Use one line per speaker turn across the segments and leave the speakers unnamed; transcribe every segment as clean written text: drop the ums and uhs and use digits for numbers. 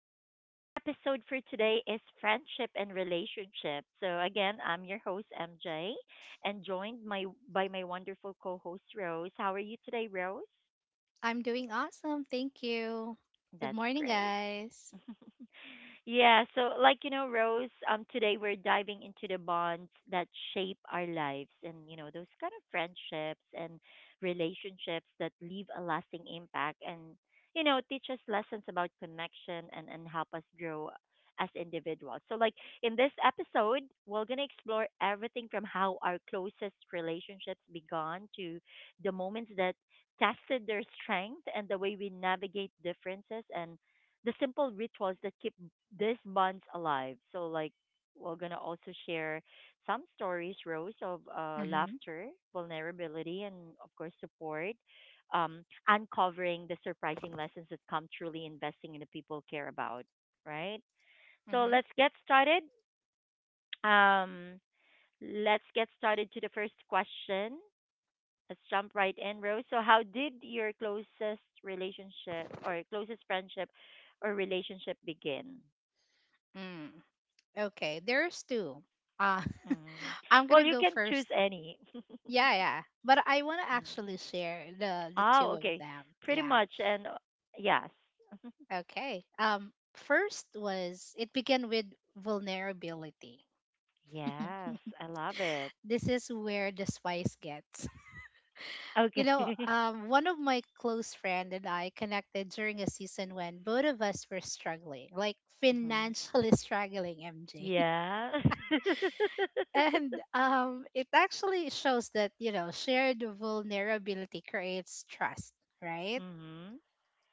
And our episode for today is friendship and relationship. So again, I'm your host MJ, and joined my by my wonderful co-host Rose. How are you today, Rose?
I'm doing awesome. Thank you. Good
That's
morning,
great.
guys.
Yeah, so like Rose, today we're diving into the bonds that shape our lives, and those kind of friendships and relationships that leave a lasting impact and teach us lessons about connection, and help us grow as individuals. So like in this episode, we're going to explore everything from how our closest relationships began, to the moments that tested their strength, and the way we navigate differences, and the simple rituals that keep these bonds alive. So like we're gonna also share some stories, Rose, of
Mm-hmm.
laughter, vulnerability, and of course support. Uncovering the surprising lessons that come truly investing in the people care about, right? So
Mm-hmm.
let's get started. Um, let's get started to the first question. Let's jump right in, Rose. So, how did your closest relationship or closest friendship or relationship begin?
Mm, okay, there's two. Uh,
Mm.
I'm gonna
Well, you
go
can
first.
choose any.
Yeah. But I want to
Mm.
actually share the
Oh,
two of
okay.
them.
Pretty
Yeah.
much. And yes.
Okay. First was it began with vulnerability.
Yes, I love it.
This is where the spice gets.
Okay. Hmm.
One of my close friend and I connected during a season when both of us were struggling, like financially struggling, MJ.
Yeah.
And It actually shows that, you know, shared vulnerability creates trust, right?
Hmm.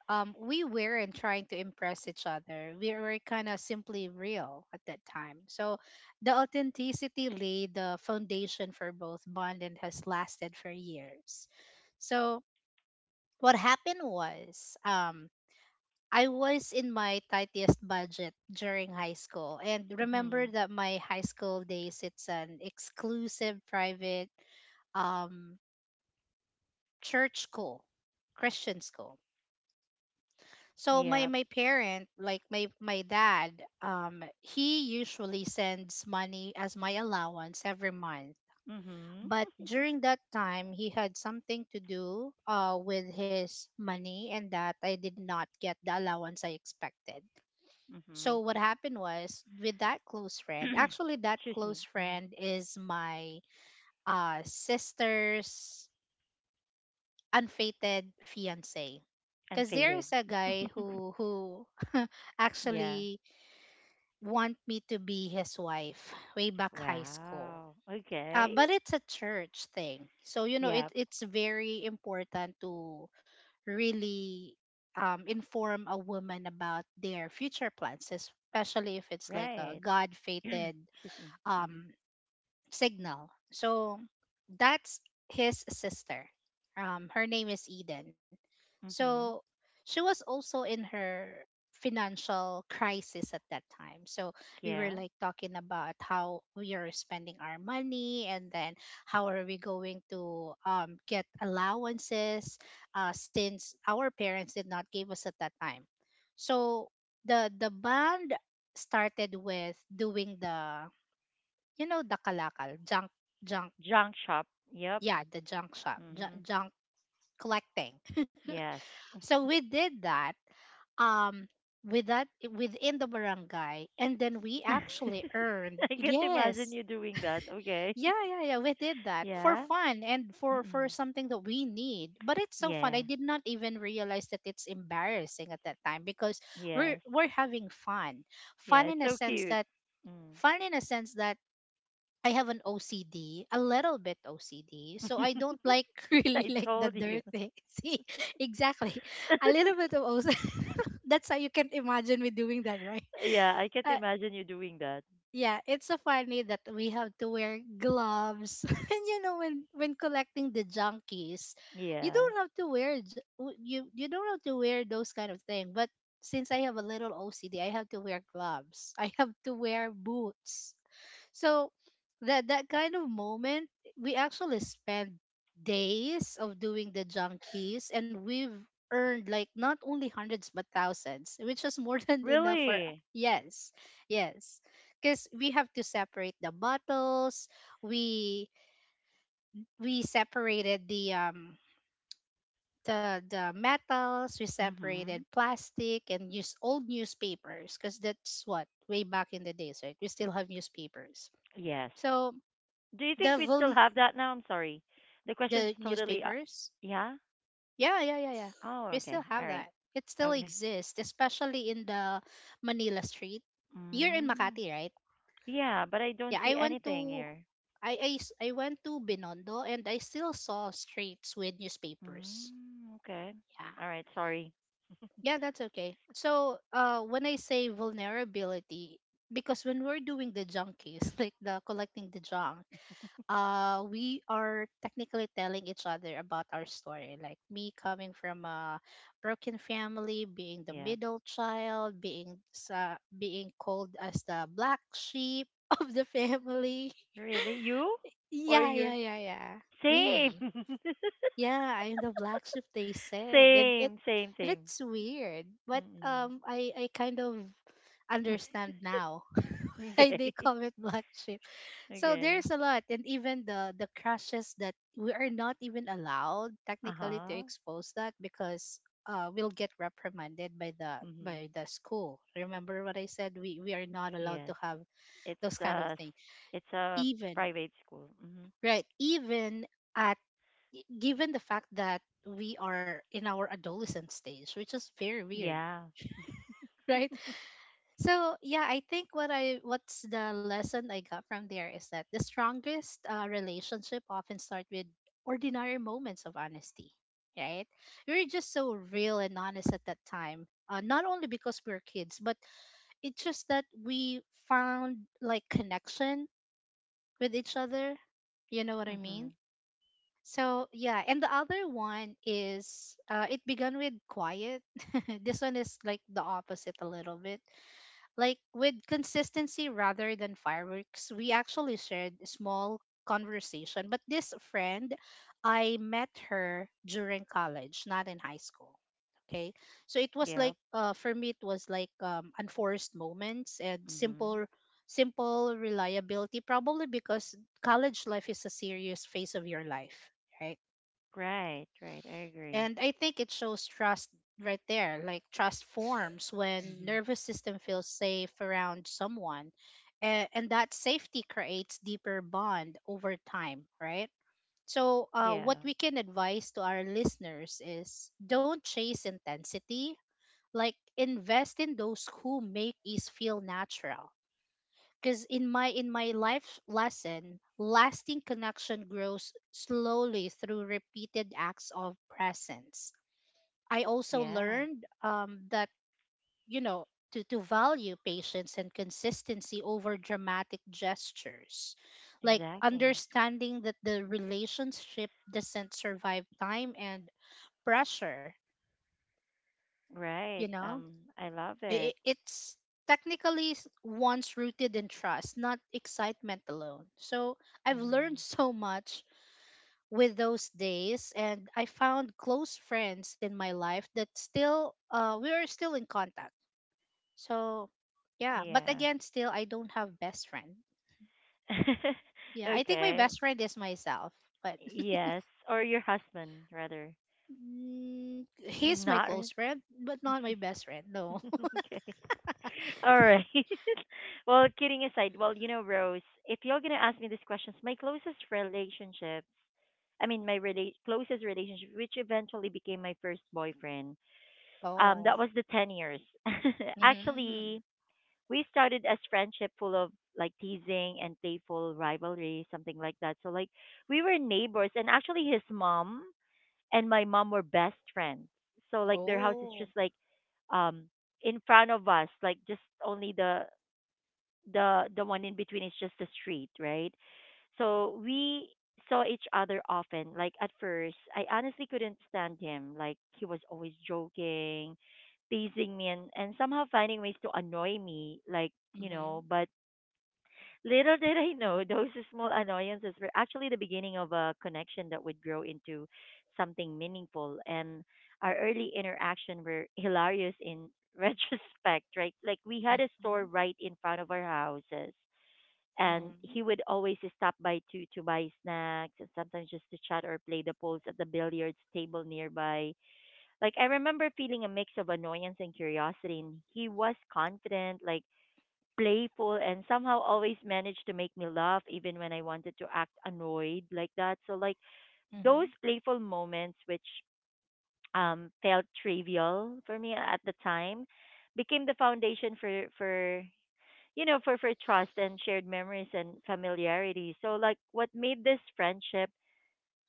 We weren't trying to impress each other. We were kind of simply real at that time. So the authenticity laid the foundation for both bond and has lasted for years. So what happened was I was in my tightest budget during high school, and remember
Hmm.
that my high school days, it's an exclusive private um church school, Christian school. So my
Yeah.
my parent, like my dad, he usually sends money as my allowance every month.
Hmm.
But during that time, he had something to do with his money, and that I did not get the allowance I expected.
Hmm.
So what happened was with that close friend, actually, that
Excuse
close
me. Hmm.
friend is my sister's unfated fiance.
And
Because there is
faded.
a guy who
Yeah.
actually want me to be his wife way back high school,
Wow. Okay.
but it's a church thing, so you know, it
Yep.
it's very important to really inform a woman about their future plans, especially if it's like a
Right.
god-fated
Excuse me. Hmm.
um, signal. So that's his sister. Her name is Eden.
Hmm.
So she was also in her financial crisis at that time. So we
Yeah.
were like talking about how we are spending our money, and then how are we going to get allowances, since our parents did not give us at that time. So the band started with doing the, you know, the kalakal junk, junk
Junk shop. Yep.
yeah, the junk shop,
Hmm.
junk collecting.
Yes.
So we did that, um with that within the barangay, and then we actually earned.
I can't imagine
Yes,
you doing that. Okay.
yeah, yeah, yeah, we did that for
Yeah.
fun and for
Mm-mm.
something that we need, but it's so fun. I
Yeah.
did not even realize that it's embarrassing at that time because we're
Yes.
we're having fun.
Yeah.
Fun
It's
in a
so
sense
cute.
that
Mm.
Fun in a sense that I have an OCD, a little bit OCD. So I don't like really
I
like the
told you.
dirt thing. See, exactly. A little bit of OCD. That's how you can imagine me doing that, right?
Yeah. I can't
Uh,
imagine you doing that.
yeah, it's so funny that we have to wear gloves. And you know, when collecting the junkies, you
Yeah.
don't have to wear you don't have to wear those kind of thing. But since I have a little OCD, I have to wear gloves. I have to wear boots. So that, that kind of moment, we actually spend days of doing the junkies, and we've earned like not only hundreds but thousands, which is more than enough for,
Really?
yes, yes, because we have to separate the bottles. We we separated the metals, we
Mm-hmm.
separated plastic, and use old newspapers, because that's what, way back in the days, right, we still have newspapers.
Yes.
So
Do you
the
think we still
vul-
have that now? I'm sorry. The question's
The
totally.
newspapers?
Yeah?
Yeah, yeah, yeah, yeah.
Oh,
We still
okay. All
have
right.
that. It still
Okay.
exists, especially in the Manila street. You're in
Mm.
Makati, right?
Yeah, but I don't
Yeah,
see
I went
anything
to,
here.
I went to Binondo and I still saw streets with newspapers.
Mm, okay.
Yeah.
All right. Sorry.
Yeah, that's okay. So, when I say vulnerability, because when we're doing the junkies, like the collecting the junk, we are technically telling each other about our story, like me coming from a broken family, being the
Yeah.
middle child, being sa being called as the black sheep of the family.
Really? You? Or
Yeah,
your
yeah, yeah, yeah,
same?
me. Yeah, I'm the black sheep, they said, and it,
Same. Same.
and
Same.
it's weird, but
Mm-mm.
I kind of understand now why they
Okay.
call it black sheep. So
Okay.
there's a lot, and even the crashes that we are not even allowed
Uh
technically to
huh.
expose that, because we'll get reprimanded by the
Mhm.
school. Remember what I said? We are not allowed to
Yes.
have those
It's
kind of
a
things.
it's a
Even,
private school. Mhm.
right, even at, given the fact that we are in our adolescent stage, which is very weird,
Yeah.
right? So yeah, I think what's the lesson I got from there is that the strongest relationship often start with ordinary moments of honesty, right? We are just so real and honest at that time. Not only because we're kids, but it's just that we found like connection with each other. You know what I mean?
Mhm.
So yeah, and the other one is, it began with quiet. This one is like the opposite a little bit, like with consistency rather than fireworks, we actually shared a small conversation. But this friend, I met her during college, not in high school. Okay. So it was like,
Yep.
for me it was like unforced moments and
Mhm.
simple reliability, probably because college life is a serious phase of your life, right?
Right. I agree.
And I think it shows trust right there. Like trust forms when
Mhm.
nervous system feels safe around someone. And that safety creates deeper bond over time, right? So
Yeah.
what we can advise to our listeners is, don't chase intensity. Like invest in those who make is feel natural. Because in my life lesson, lasting connection grows slowly through repeated acts of presence. I also
Yeah.
learned that, you know, to value patience and consistency over dramatic gestures. Like
Exactly.
understanding that the relationship doesn't survive time and pressure, you
Right.
know?
I love it.
It's technically one's rooted in trust, not excitement alone. So I've learned
Mhm.
so much with those days, and I found close friends in my life that still, we are still in contact. So yeah, but
Yeah.
again, still, I don't have best friend. Yeah, I think my
Okay.
best friend is myself, but,
Yes. Or your husband, rather.
mm, he's my
Not.
close friend, but not my best friend. No.
Okay. All right. Well, kidding aside, well, Rose, if you're gonna ask me these questions, my closest relationships, I mean, my rela- closest relationship, which eventually became my first boyfriend, that
Oh.
was the 10 years.
Mm-hmm.
Actually, we started as friendship full of like teasing and playful rivalry, something like that. So like we were neighbors, and actually his mom and my mom were best friends. So like their house is
Oh.
just like um in front of us, like just only the the one in between is just the street, right? So we saw each other often. Like at first, I honestly couldn't stand him. Like he was always joking, teasing me, and somehow finding ways to annoy me. Like
Mm-hmm.
but little did I know those small annoyances were actually the beginning of a connection that would grow into something meaningful. And our early interaction were hilarious in retrospect, right? Like we had a store
Mm-hmm.
right in front of our houses, and
Mm-hmm.
he would always stop by to buy snacks, and sometimes just to chat or play the poles at the billiards table nearby. Like I remember feeling a mix of annoyance and curiosity, and he was confident, like playful and somehow always managed to make me laugh even when I wanted to act annoyed like that. So like those
Mm-hmm.
playful moments which felt trivial for me at the time became the foundation for you know, for trust and shared memories and familiarity. So, like, what made this friendship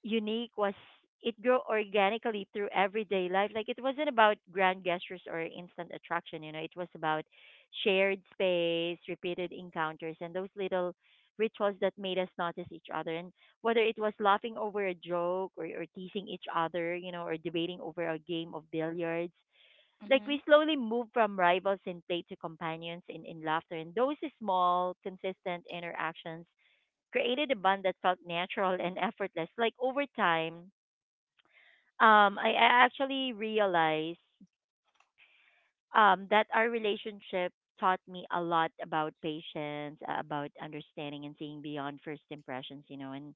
unique was it grew organically through everyday life. Like, it wasn't about grand gestures or instant attraction, you know, it was about shared space, repeated encounters, and those little rituals that made us notice each other. And whether it was laughing over a joke, or teasing each other, you know, or debating over a game of billiards, like
Mm-hmm.
we slowly move from rivals in play to companions in laughter. And those small, consistent interactions created a bond that felt natural and effortless. Like over time, I actually realized that our relationship taught me a lot about patience, about understanding and seeing beyond first impressions, you know, and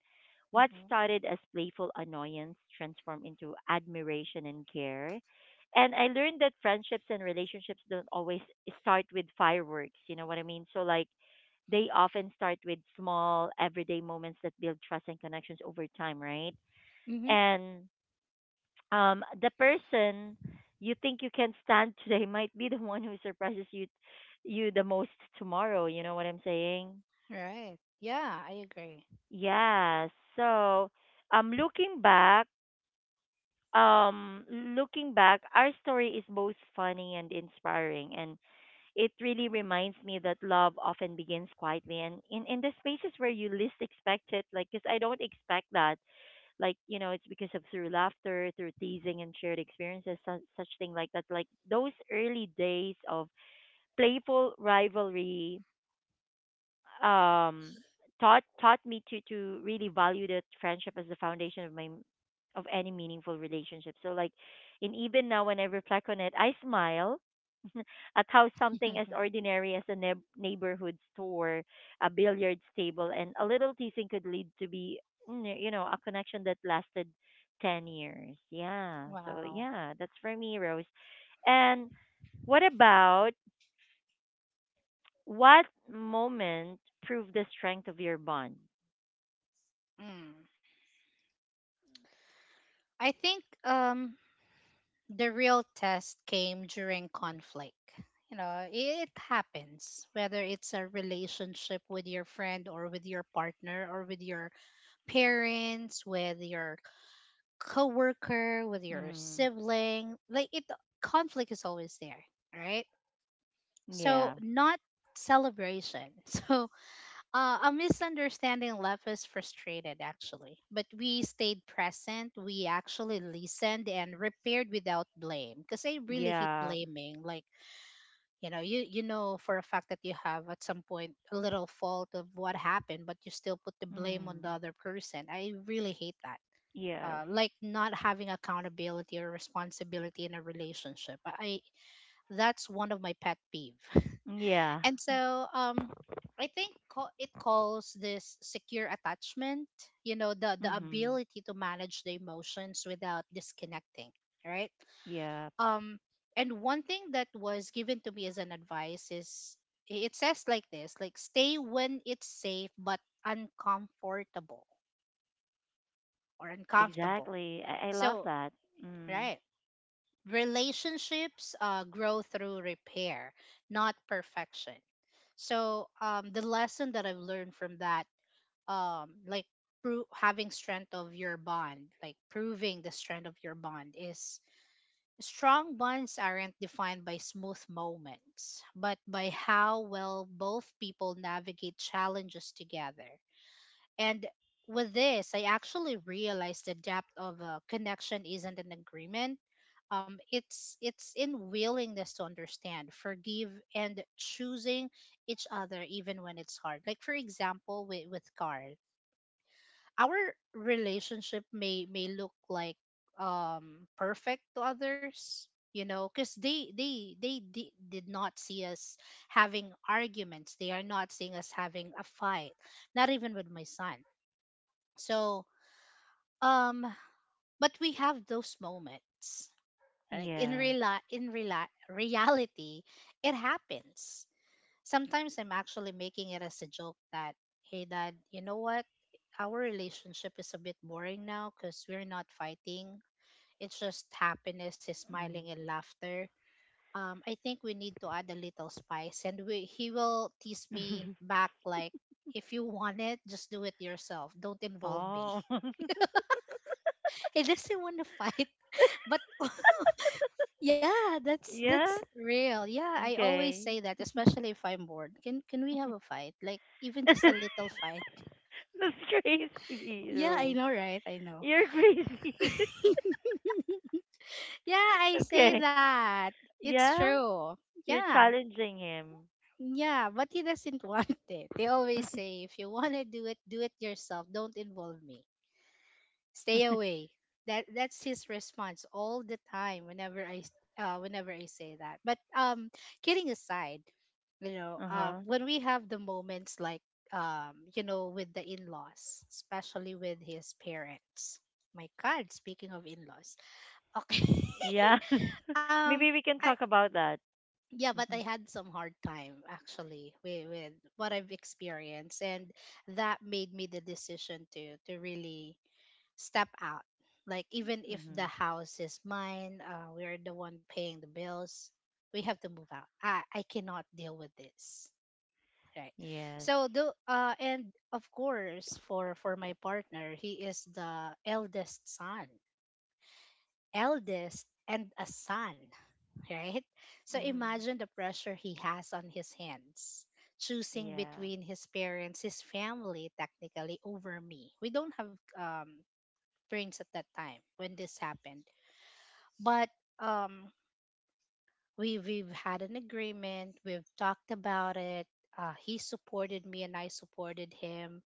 what
Mm-hmm.
started as playful annoyance transformed into admiration and care. And I learned that friendships and relationships don't always start with fireworks, you know what I mean? So, like, they often start with small, everyday moments that build trust and connections over time, right?
Mm-hmm.
And the person you think you can stand today might be the one who surprises you the most tomorrow, you know what I'm saying?
Right. Yeah, I agree.
Yeah, so um looking back looking back, our story is both funny and inspiring, and it really reminds me that love often begins quietly and in the spaces where you least expect it. Like because I don't expect that. Like you know, it's because of through laughter, through teasing and shared experiences, such thing like that. Like those early days of playful rivalry um taught me to really value that friendship as the foundation of my of any meaningful relationship. So like and even now when I reflect on it, I smile at how something as ordinary as a neb- neighborhood store, a billiards table and a little teasing could lead to be mm, you know, a connection that lasted 10 years. Yeah. So
Wow.
yeah, that's for me, Rose. And what about what moment proved the strength of your bond?
Mm. I think the real test came during conflict. You know, it happens, whether it's a relationship with your friend or with your partner or with your parents, with your coworker, with your
Mm.
sibling. Like it conflict is always there, right? So
Yeah.
not celebration. So, a misunderstanding left us frustrated, actually, but we stayed present. We actually listened and repaired without blame, because I really hate
Yeah.
blaming. Like, you know, you know for a fact that you have at some point a little fault of what happened, but you still put the blame on the
Mm.
other person. I really hate that.
Yes.
Like not having accountability or responsibility in a relationship. I That's one of my pet peeve.
Yeah.
And so, I think it calls this secure attachment, you know, the
Mm-hmm.
ability to manage the emotions without disconnecting, right?
Yeah.
Um and one thing that was given to me as an advice is, it says like this, like stay when it's safe but uncomfortable, or uncomfortable.
Exactly. I love
So,
that. Mm.
right. Relationships grow through repair, not perfection. So the lesson that I've learned from that, like pro- having strength of your bond, like proving the strength of your bond, is strong bonds aren't defined by smooth moments, but by how well both people navigate challenges together. And with this, I actually realized the depth of a connection isn't an agreement. It's in willingness to understand, forgive, and choosing each other even when it's hard. Like for example, with Carl, our relationship may look like perfect to others, you know, because they di- did not see us having arguments. They are not seeing us having a fight. Not even with my son. So um, but we have those moments. Like in
Yeah.
real, in real reality, it happens. Sometimes I'm actually making it as a joke that, hey, dad, you know what? Our relationship is a bit boring now because we're not fighting. It's just happiness, smiling, and laughter. I think we need to add a little spice, and we, he will tease me
Mm.
back like, if you want it, just do it yourself. Don't involve me.
Oh.
He doesn't want to fight. But yeah, that's
Yeah.
real. Yeah, I always
Okay.
say that, especially if I'm bored. Can we have a fight? Like even
That's
just a little fight.
crazy,
Yeah, I
Rose.
know, right? I know.
You're crazy.
Yeah, I say
Okay.
that. It's
Yeah.
true.
You're
Yeah.
challenging him.
Yeah, but he doesn't want it. They always say, if you want to do it yourself. Don't involve me. Stay away. That's his response all the time whenever I say that, but kidding aside.
uh huh.
When we have the moments, like, with the in-laws, especially with his parents. My god, speaking of in-laws. Okay.
Yeah.
um
Maybe we can
I,
talk about that.
yeah, but I
Mhm.
had some hard time actually with what I've experienced, and that made me the decision to really step out. Like even if the
Mhm.
house is mine, we're the one paying the bills. We have to move out. I cannot deal with this. Right.
Yes.
So the and of course, for my partner, he is the eldest son, eldest and a son. Right. So
Mhm.
imagine the pressure he has on his hands. Choosing
Yeah.
between his parents, his family, technically over me. We don't have brings at that time when this happened. But um, we've had an agreement. We've talked about it. He supported me, and I supported him,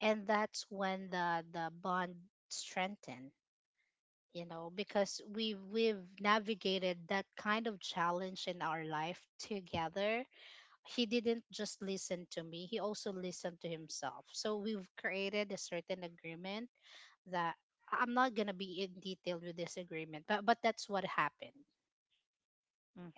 and that's when the bond strengthened. You know, because we've navigated that kind of challenge in our life together. He didn't just listen to me; he also listened to himself. So we've created a certain agreement that I'm not gonna be in detail with this agreement, but that's what happened,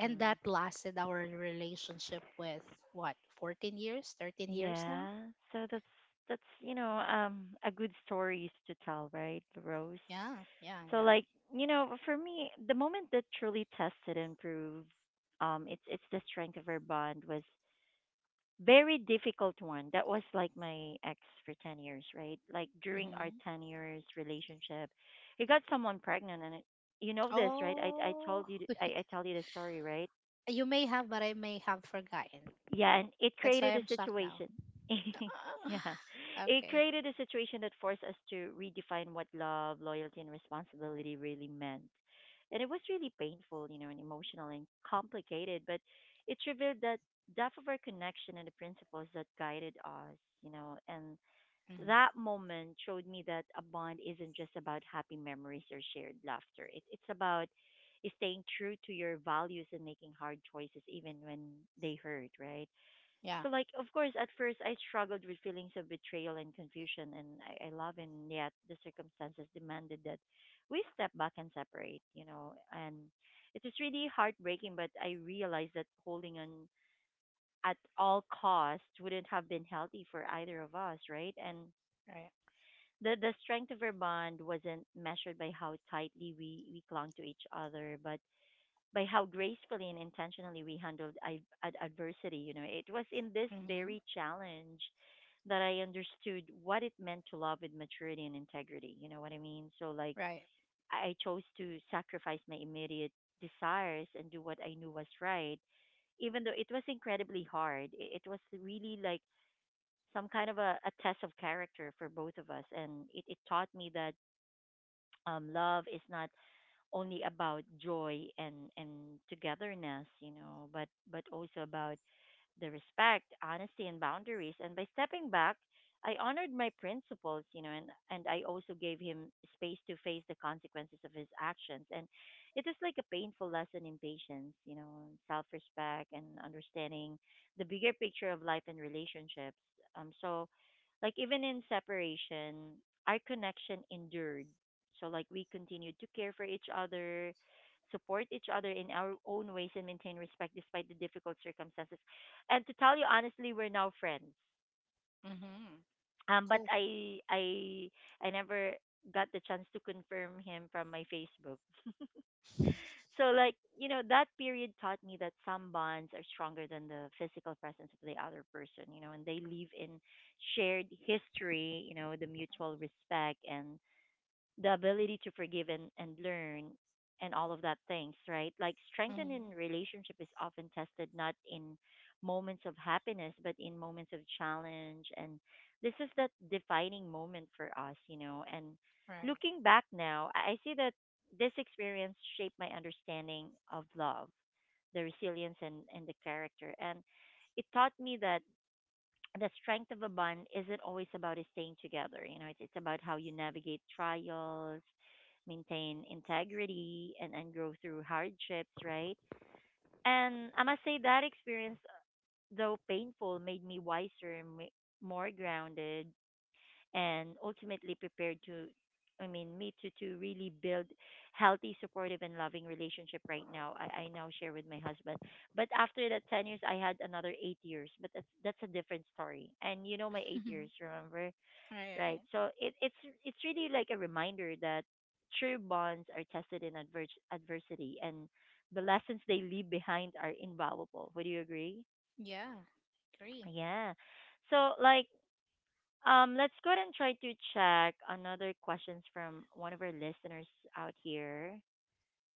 and that lasted our relationship with what 14 years, 13 years now.
Yeah. So that's you know, a good stories to tell, right, Rose?
Yeah, yeah,
So
yeah.
like, you know, for me, the moment that truly tested and proved it's the strength of our bond was very difficult one. That was like my ex for 10 years, right? Like during our
Hmm.
10 years relationship, he got someone pregnant, and you know this, right? I
Oh.
told you th- I tell you the story, right?
You may have, but I may have forgotten.
Yeah, and it
That's why
created a
I'm shocked now.
situation. Yeah, it
Okay.
created a situation that forced us to redefine what love, loyalty and responsibility really meant. And it was really painful, you know, and emotional and complicated, but it revealed that depth of our connection and the principles that guided us, you know. And
Hmm.
that moment showed me that a bond isn't just about happy memories or shared laughter. It's about staying true to your values and making hard choices even when they hurt, right?
Yeah.
So like of course at first I struggled with feelings of betrayal and confusion, and I love him, yet the circumstances demanded that we step back and separate, you know. And it was really heartbreaking, but I realized that holding on at all costs wouldn't have been healthy for either of us, right? And
Right.
the strength of our bond wasn't measured by how tightly we clung to each other, but by how gracefully and intentionally we handled I- ad- adversity. You know, it was in this
Hmm.
very challenge that I understood what it meant to love with maturity and integrity. You know what I mean? So, like,
Right.
I chose to sacrifice my immediate desires and do what I knew was right, even though it was incredibly hard. It was really like some kind of a test of character for both of us. And it taught me that love is not only about joy and togetherness, you know, but also about the respect, honesty, and boundaries. And by stepping back, I honored my principles, you know, and I also gave him space to face the consequences of his actions. And it is like a painful lesson in patience, you know, self respect and understanding the bigger picture of life and relationships. So, like, even in separation, our connection endured. So, like, we continued to care for each other, support each other in our own ways and maintain respect despite the difficult circumstances, and to tell you honestly, we're now friends.
Hmm.
Um, but
Cool.
I I I never got the chance to confirm him from my Facebook. So like you know that period taught me that some bonds are stronger than the physical presence of the other person. You know, and they live in shared history. You know, the mutual respect and the ability to forgive and learn and all of that things, right? Like strengthening
Hmm.
relationship is often tested not in moments of happiness, but in moments of challenge. And this is that defining moment for us, you know. And
Right.
looking back now, I see that this experience shaped my understanding of love, the resilience and the character. And it taught me that the strength of a bond isn't always about it staying together. You know, it's about how you navigate trials, maintain integrity, and grow through hardships, right? And I must say that experience, though painful, made me wiser and more grounded and ultimately prepared to I mean me to really build healthy, supportive and loving relationship right now. I now share with my husband. But after that 10 years I had another 8 years. But that's a different story. And you know my eight
Right.
years, remember? Right.
Right.
So it's it's really like a reminder that true bonds are tested in adversity and the lessons they leave behind are invaluable. Would you agree?
Yeah. Agree.
Yeah. So like let's go ahead and try to check another questions from one of our listeners out here.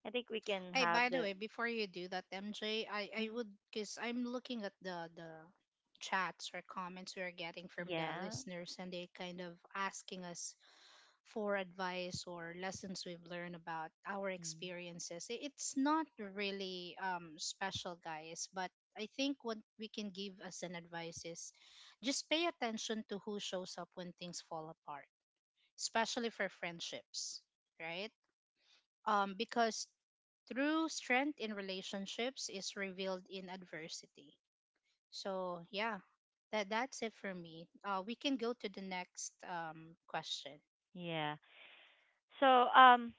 I think we can
Hey,
have
by the
the
way, before you do that, MJ, I
Mm,
would, because I'm looking at the chats or comments we're getting from the
yeah.
listeners, and they kind of asking us for advice or lessons we've learned about our
Mm,
experiences. It's not really special, guys, but I think what we can give as an advice is just pay attention to who shows up when things fall apart, especially for friendships, right? Because true strength in relationships is revealed in adversity. So yeah, that's it for me. We can go to the next question.
yeah. So, um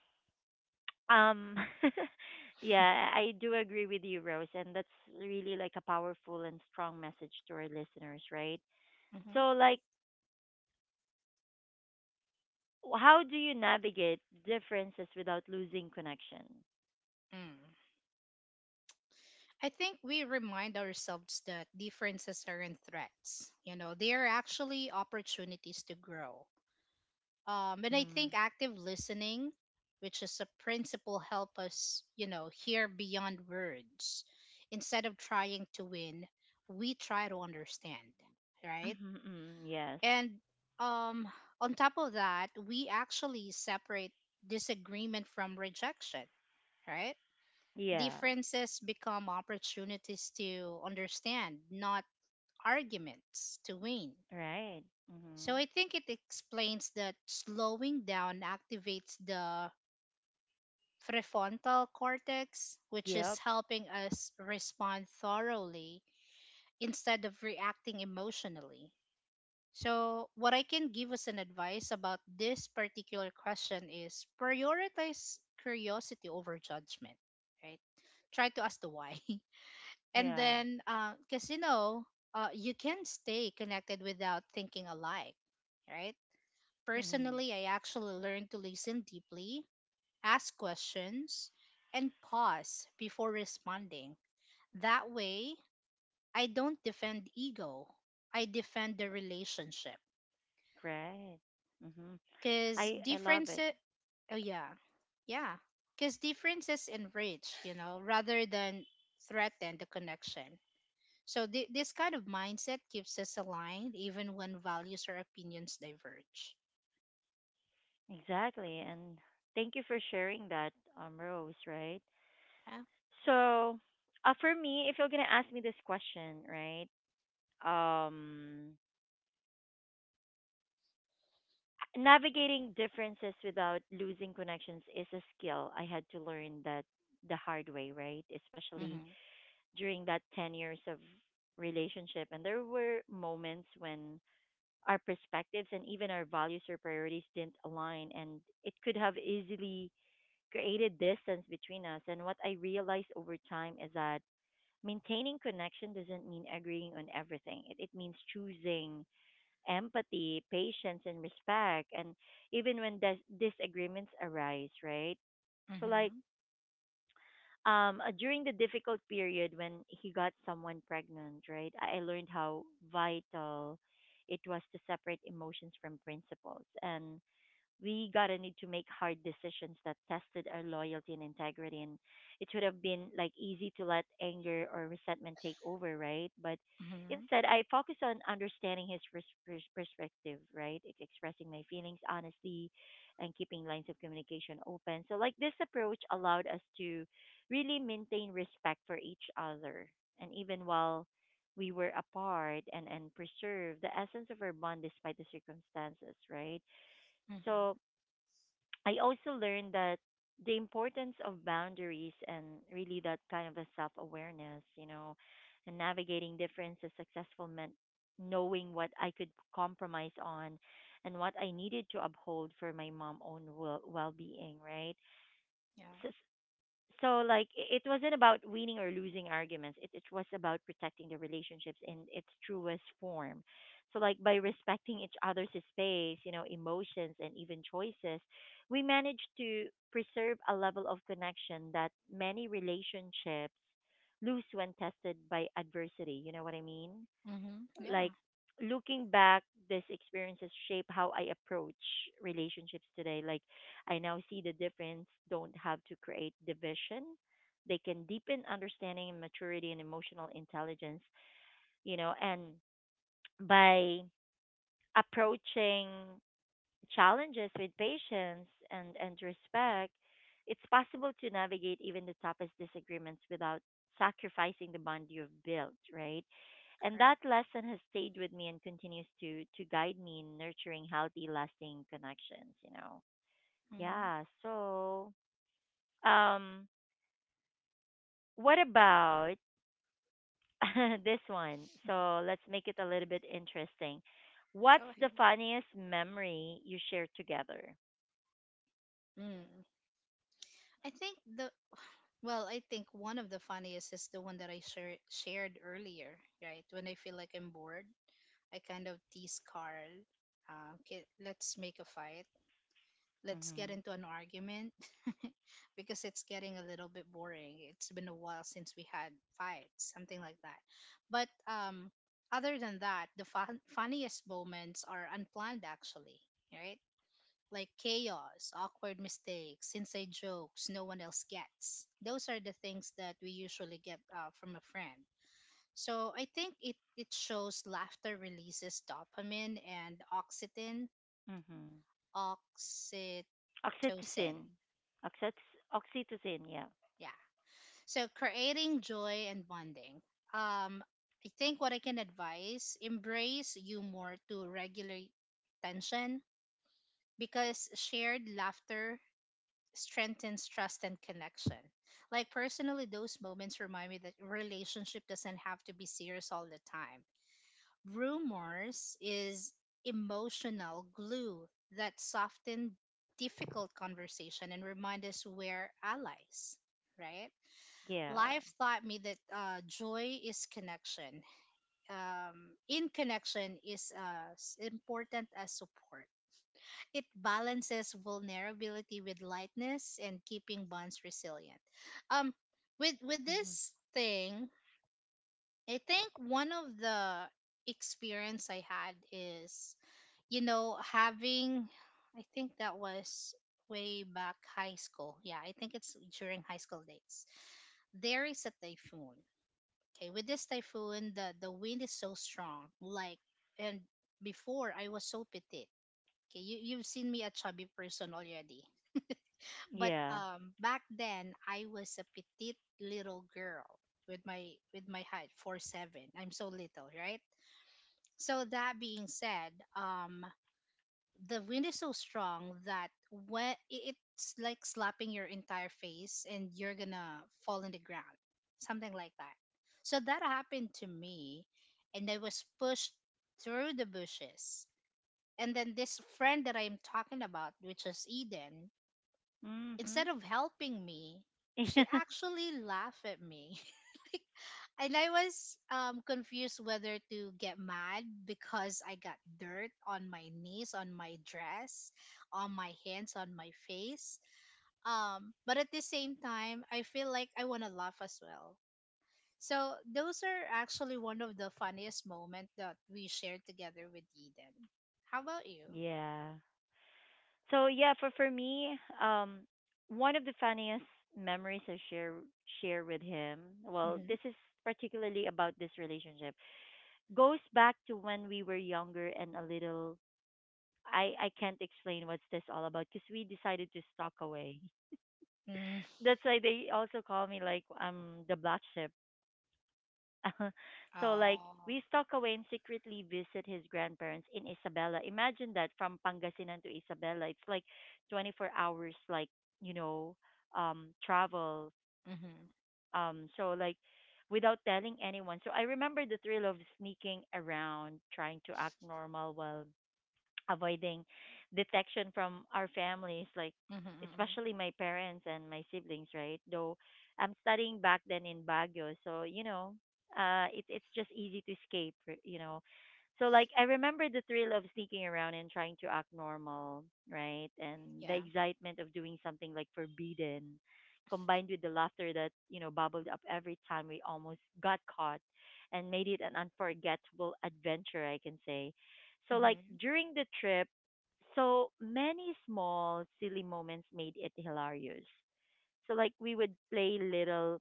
um yeah, I do agree with you, Rose, and that's really like a powerful and strong message to our listeners, right? So
Hmm.
like how do you navigate differences without losing connection?
Mm. I think we remind ourselves that differences aren't threats. You know, they are actually opportunities to grow. And I think
Mm.
active listening, which is a principle, help us, you know, hear beyond words. Instead of trying to win, we try to understand, right?
Mm-hmm, mm, yes.
And um, on top of that, we actually separate disagreement from rejection, right?
Yes.
Differences become opportunities to understand, not arguments to win.
Right.
So
Mhm.
I think it explains that slowing down activates the prefrontal cortex, which is
Yep.
helping us respond thoroughly instead of reacting emotionally. So, what I can give as an advice about this particular question is prioritize curiosity over judgment, right? Try to ask the why. And
Yeah.
then, because you know, you can stay connected without thinking alike, right?
Mhm.
Personally, I actually learned to listen deeply, ask questions, and pause before responding. That way, I don't defend ego. I defend the relationship.
Right. Mhm.
Cause
I love it.
differences, oh yeah, yeah. Cause differences enrich, you know, rather than threaten the connection. So this kind of mindset keeps us aligned, even when values or opinions diverge.
Exactly. And thank you for sharing that, Rose, right?
Yeah.
So, for me, if you're going to ask me this question, right? Um, navigating differences without losing connections is a skill I had to learn that the hard way, right? Especially
Mhm.
during that 10 years of relationship, and there were moments when our perspectives and even our values or priorities didn't align, and it could have easily created distance between us. And what I realized over time is that maintaining connection doesn't mean agreeing on everything. It means choosing empathy, patience and respect, and even when disagreements arise, right? So like
Mhm.
during the difficult period when he got someone pregnant, right, I learned how vital it was to separate emotions from principles. And we got to need to make hard decisions that tested our loyalty and integrity. And it would have been like easy to let anger or resentment take over, right? But
Mhm.
instead I focused on understanding his perspective, right? Expressing my feelings honestly and keeping lines of communication open. So like this approach allowed us to really maintain respect for each other, and even while we were apart, and preserve the essence of our bond despite the circumstances, right?
Mhm.
So I also learned that the importance of boundaries and really that kind of a self awareness, you know, and navigating differences successful meant knowing what I could compromise on and what I needed to uphold for my mom own well being, right?
Yeah.
So like it wasn't about winning or losing arguments. It was about protecting the relationships in its truest form. So like by respecting each other's space, you know, emotions and even choices, we managed to preserve a level of connection that many relationships lose when tested by adversity, you know what I mean.
Mhm.
Like,
Yeah.
looking back, these experiences shape how I approach relationships today. Like I now see the difference don't have to create division. They can deepen understanding and maturity and emotional intelligence, you know. And by approaching challenges with patience and respect, it's possible to navigate even the toughest disagreements without sacrificing the bond you've built, right? And that
Correct.
lesson has stayed with me and continues to guide me in nurturing healthy, lasting connections, you know.
Mhm.
Yeah, so um what about this one? So let's make it a little bit interesting. What's
Go ahead.
the funniest memory you shared together?
Mm. I think the Well, I think one of the funniest is the one that I shared earlier, right? When I feel like I'm bored, I kind of tease Carl. Okay, let's make a fight. Let's get
Mhm.
into an argument because it's getting a little bit boring. It's been a while since we had fights, something like that. But other than that, the funniest moments are unplanned, actually, right? Like chaos, awkward mistakes, inside jokes no one else gets. Those are the things that we usually get from a friend. So I think it shows laughter releases dopamine and oxytocin,
Mhm.
oxytocin.
Oxytocin. Oxyt oxytocin, yeah.
Yeah. So creating joy and bonding. Um, I think what I can advise embrace humor to regulate tension because shared laughter strengthens trust and connection. Like personally, those moments remind me that relationship doesn't have to be serious all the time. Rumors is emotional glue that soften difficult conversation and remind us we're allies, right?
Yeah.
Life taught me that joy is connection. In connection is important as support. It balances vulnerability with lightness and keeping bonds resilient. Um, with
Hmm.
this thing, I think one of the experience I had is, you know, having, I think that was way back high school. Yeah, I think it's during high school days. There is a typhoon. Okay, with this typhoon, the wind is so strong. Like, and before I was so petite. Okay, you you've seen me a chubby person already. But
Yeah.
back then I was a petite little girl with my height 4'7". I'm so little, right? So that being said, the wind is so strong that it's like slapping your entire face and you're gonna fall on the ground, something like that. So that happened to me, and I was pushed through the bushes. And then this friend that I'm talking about, which is Eden,
Mhm.
instead of helping me, she
yeah.
actually laughed at me. And I was confused whether to get mad because I got dirt on my knees, on my dress, on my hands, on my face. But at the same time, I feel like I want to laugh as well. So those are actually one of the funniest moments that we shared together with Eden. How about you?
Yeah. So yeah, for me, one of the funniest memories I share with him, well,
Mm-hmm.
this is particularly about this relationship. Goes back to when we were younger and a little I can't explain what's this all about because we decided to stalk away.
Mm-hmm.
That's why they also call me like the black sheep. So like
Oh.
we stalk away and secretly visit his grandparents in Isabela. Imagine that from Pangasinan to Isabela. It's like 24 hours like, you know, travel.
Mm-hmm.
So like without telling anyone. So I remember the thrill of sneaking around, trying to act normal while avoiding detection from our families, like
Mm-hmm. Mm-hmm.
especially my parents and my siblings, right? Though I'm studying back then in Baguio, so you know, it's just easy to escape, you know. So like I remember the thrill of sneaking around and trying to act normal, right? And the
Yeah.
excitement of doing something like forbidden, combined with the laughter that you know bubbled up every time we almost got caught, and made it an unforgettable adventure, I can say. So like
Mm-hmm.
during the trip, so many small silly moments made it hilarious. So like we would play little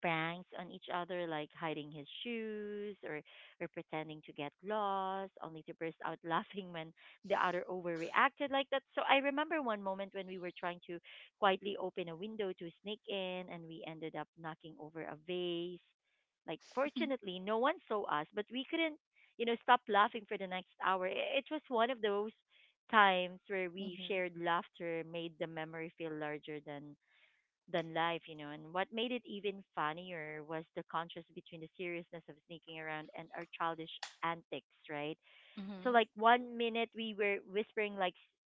pranks on each other, like hiding his shoes or pretending to get lost, only to burst out laughing when the other overreacted like that. So I remember one moment when we were trying to quietly open a window to sneak in, and we ended up knocking over a vase. Like,
Mhm.
fortunately, no one saw us, but we couldn't, you know, stop laughing for the next hour. It was one of those times where we
Mhm.
shared laughter made the memory feel larger than life, you know. And what made it even funnier was the contrast between the seriousness of sneaking around and our childish antics, right? So
Mhm.
like one minute we were whispering like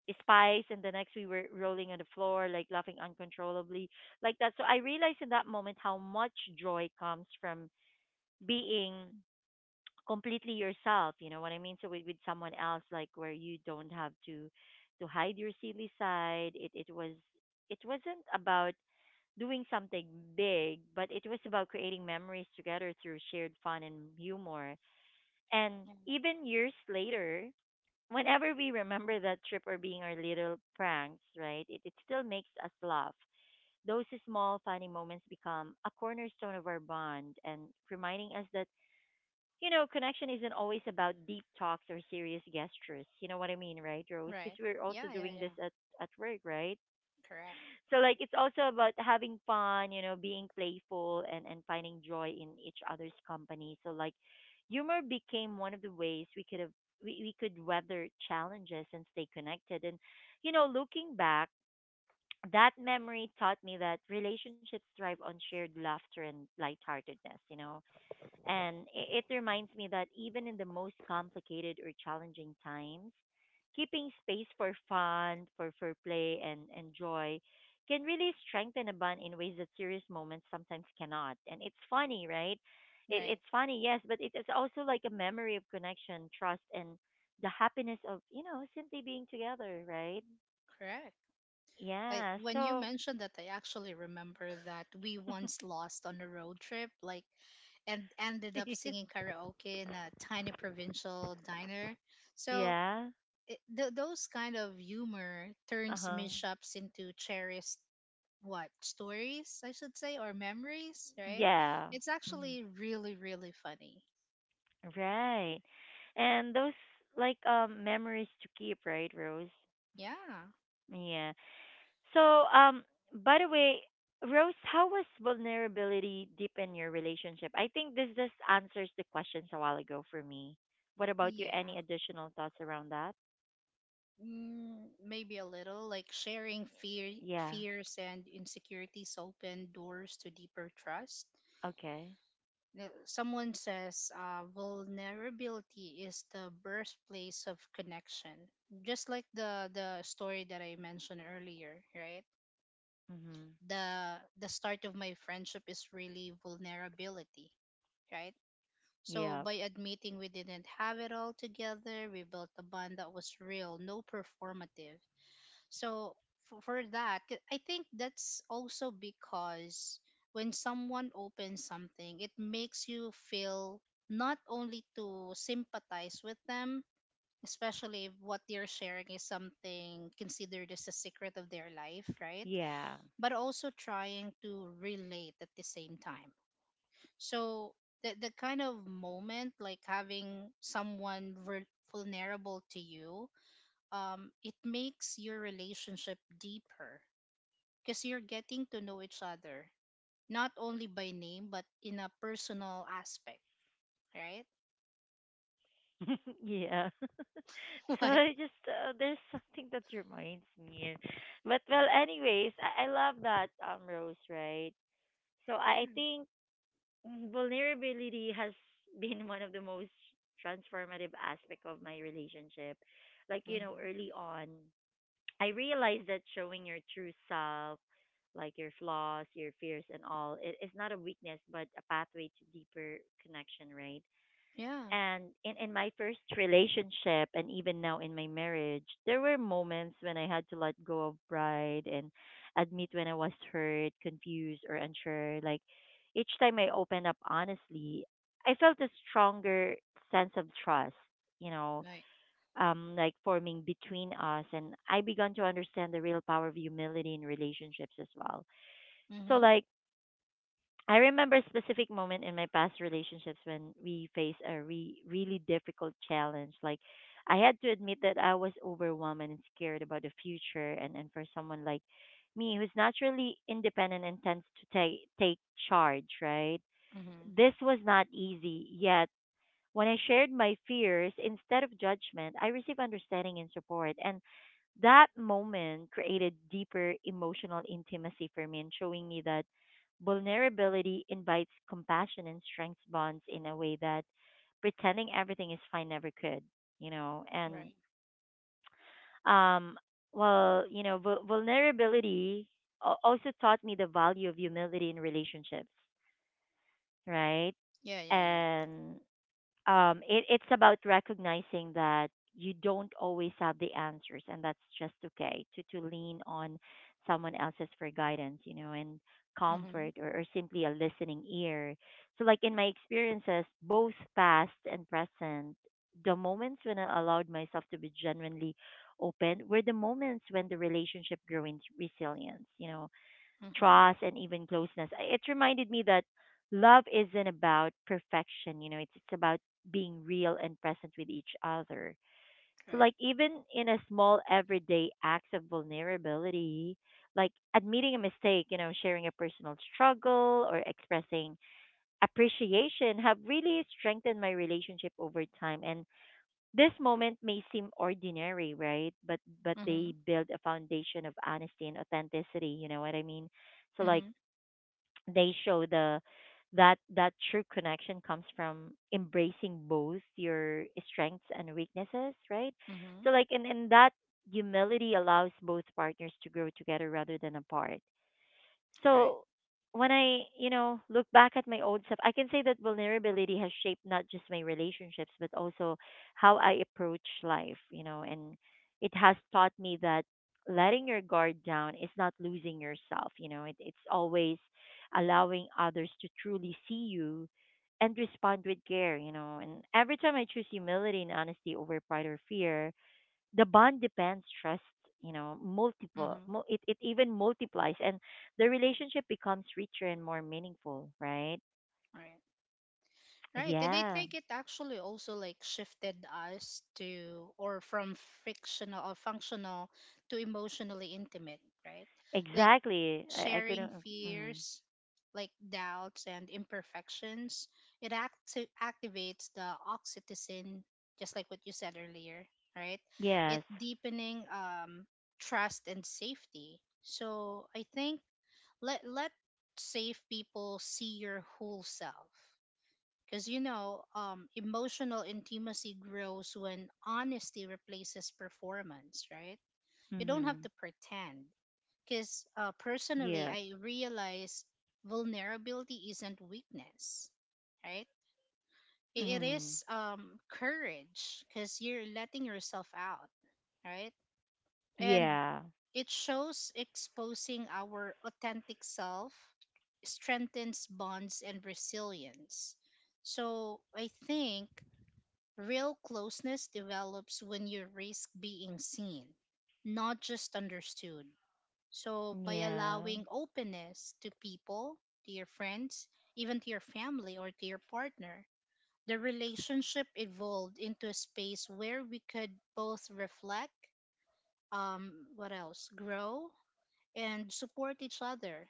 spies, and the next we were rolling on the floor, like laughing uncontrollably, like that. So I realized in that moment how much joy comes from being completely yourself. You know what I mean? So with someone else, like where you don't have to hide your silly side. It was it wasn't about doing something big, but it was about creating memories together through shared fun and humor. And
Mhm.
even years later, whenever we remember that trip or being our little pranks, right, it still makes us laugh. Those small, funny moments become a cornerstone of our bond and reminding us that, you know, connection isn't always about deep talks or serious gestures. You know what I mean, right, Rose? Because
Right.
we're also
Yeah, yeah,
doing this
yeah.
at work, right?
Correct.
So like it's also about having fun, you know, being playful and finding joy in each other's company. So like humor became one of the ways we could have we could weather challenges and stay connected. And you know, looking back, that memory taught me that relationships thrive on shared laughter and lightheartedness, you know. And it reminds me that even in the most complicated or challenging times, keeping space for fun, for play, and joy can really strengthen a bond in ways that serious moments sometimes cannot. And it's funny, right? It's
Right.
funny, yes, but it is also like a memory of connection, trust, and the happiness of, you know, simply being together, right?
Correct. I
Yeah.
When you
So,
mentioned that, I actually remember that we once lost on a road trip, like, and ended up singing karaoke in a tiny provincial diner. So
yeah.
those kind of humor
Uh
turns
huh.
mishaps into cherished what stories I should say or memories, right?
Yeah.
It's
Hmm.
actually really really funny.
Right. And those like memories to keep, right, Rose?
Yeah.
Yeah. So, by the way, Rose, how was vulnerability deepen your relationship? I think this just answers the questions a while ago for me. What about you? Any
Yeah.
additional thoughts around that?
Mm, maybe a little, like sharing fear,
Yeah.
fears and insecurities open doors to deeper trust.
Okay.
Someone says vulnerability is the birthplace of connection, just like the story that I mentioned earlier, right?
Mhm.
The start of my friendship is really vulnerability, right? So
Yeah.
by admitting we didn't have it all together, we built a bond that was real, no performative. So for that, I think that's also because when someone opens something, it makes you feel not only to sympathize with them, especially if what they're sharing is something considered as a secret of their life, right?
Yeah.
But also trying to relate at the same time. So the kind of moment, like having someone vulnerable to you, it makes your relationship deeper because you're getting to know each other, not only by name, but in a personal aspect, right?
yeah. So
What?
I just there's something that reminds me. But well, anyways, I love that Rose, right? So I
Yeah.
think vulnerability has been one of the most transformative aspect of my relationship. Like you know,
Mm-hmm.
early on, I realized that showing your true self, like your flaws, your fears, and all, it's not a weakness but a pathway to deeper connection, right?
Yeah.
And in my first relationship and even now in my marriage, there were moments when I had to let go of pride and admit when I was hurt, confused or unsure. Like each time I opened up honestly, I felt a stronger sense of trust, you know,
Like,
like forming between us, and I began to understand the real power of humility in relationships as well. So
mm-hmm.
like I remember a specific moment in my past relationships when we faced a really difficult challenge. Like, I had to admit that I was overwhelmed and scared about the future. And for someone like me, who's naturally independent and tends to take charge, right?
Mm-hmm.
This was not easy. Yet, when I shared my fears, instead of judgment, I received understanding and support. And that moment created deeper emotional intimacy for me and showing me that vulnerability invites compassion and strengths bonds in a way that pretending everything is fine never could. And
Right.
um, well, you know, vul vulnerability also taught me the value of humility in relationships, right?
Yeah, yeah, yeah.
And it's about recognizing that you don't always have the answers, and that's just okay to lean on someone else's for guidance, and
Mm-hmm.
comfort or simply a listening ear. So, like in my experiences, both past and present, the moments when I allowed myself to be genuinely open were the moments when the relationship grew in resilience, you know,
Mm-hmm.
trust, and even closeness. It reminded me that love isn't about perfection, it's about being real and present with each other. So,
Right.
like, even in a small everyday acts of vulnerability, like admitting a mistake, sharing a personal struggle or expressing appreciation have really strengthened my relationship over time. And this moment may seem ordinary, right? But
Mm-hmm.
they build a foundation of honesty and authenticity. You know what I mean? So like
Mm-hmm.
they show the that that true connection comes from embracing both your strengths and weaknesses, right?
Mm-hmm.
So like and that humility allows both partners to grow together rather than apart.
Right.
So when I, look back at my old stuff, I can say that vulnerability has shaped not just my relationships but also how I approach life, and it has taught me that letting your guard down is not losing yourself, it's always allowing others to truly see you and respond with care. And every time I choose humility and honesty over pride or fear, the bond depends trust, multiple
Mm-hmm.
it even multiplies and the relationship becomes richer and more meaningful, right?
Right. Right. And I
Yeah,
think it actually also like shifted us to or from fictional or functional to emotionally intimate, right? Like
exactly. I
sharing
couldn't. Mm,
fears, like doubts and imperfections, it activates the oxytocin, just like what you said earlier, right? It
yes.
deepening trust and safety. So I think let safe people see your whole self, because emotional intimacy grows when honesty replaces performance, right? You don't have
Mhm.
to pretend because personally,
Yeah.
I realize vulnerability isn't weakness, right? It
Mhm.
is courage because you're letting yourself out, right? And
Yeah,
it shows exposing our authentic self strengthens bonds and resilience. So I think real closeness develops when you risk being seen, not just understood. So, by
yeah,
allowing openness to people, to your friends, even to your family or to your partner, the relationship evolved into a space where we could both reflect, what else, grow, and support each other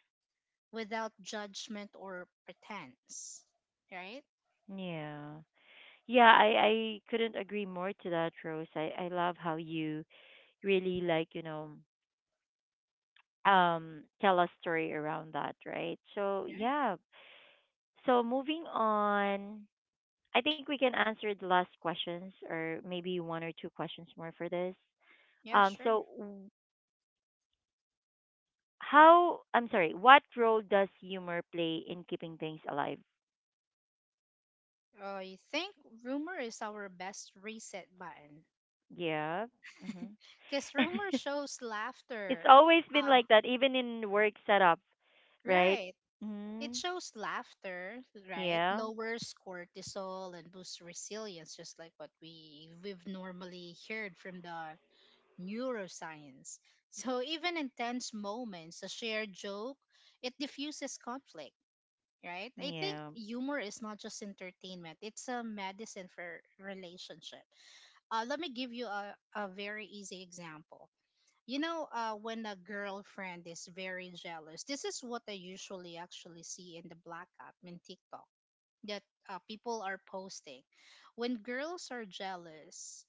without judgment or pretense. Right?
yeah. Yeah, I couldn't agree more to that, Rose. I love how you really, like, tell a story around that, right? So
Yeah.
yeah. So moving on, I think we can answer the last questions or maybe one or two questions more for this.
Yeah, sure.
So how, I'm sorry, what role does humor play in keeping things alive?
I think rumor is our best reset button
Yeah. Hmm.
because rumor shows
It's
laughter.
always been
Ah,
like that, even in work setup, right?
right. It
Mm-hmm.
shows laughter, right?
Yeah.
Lowers cortisol and boosts resilience, just like what we've normally heard from the neuroscience. So even in tense moments, a shared joke, it diffuses conflict, right? I think
Yeah.
humor is not just entertainment; it's a medicine for relationship. Let me give you a very easy example. You know, when a girlfriend is very jealous, this is what I usually actually see in the Black app in TikTok that people are posting. When girls are jealous,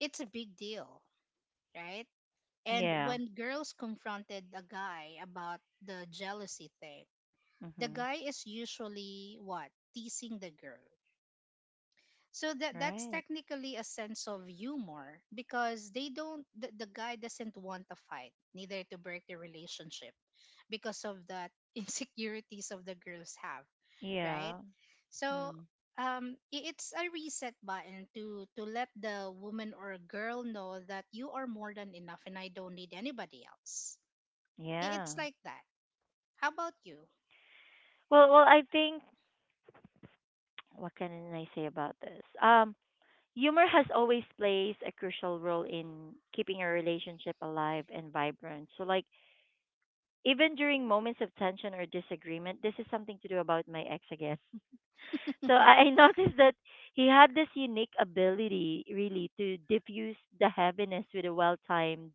it's a big deal, right? And
Yeah.
when girls confronted a guy about the jealousy thing, the
Hmm.
guy is usually what? Teasing the girl. So that's
Right.
technically a sense of humor because they don't the guy doesn't want a fight, neither to break the relationship because of that insecurities of the girls have, right?
Yeah.
So
Mm.
it's a reset button to let the woman or girl know that you are more than enough and I don't need anybody else.
Yeah.
It's like that. How about you?
Well, well, I think what can I say about this? Humor has always plays a crucial role in keeping a relationship alive and vibrant. So like even during moments of tension or disagreement, this is something to do about my ex again. So I noticed that he had this unique ability really to diffuse the heaviness with a well-timed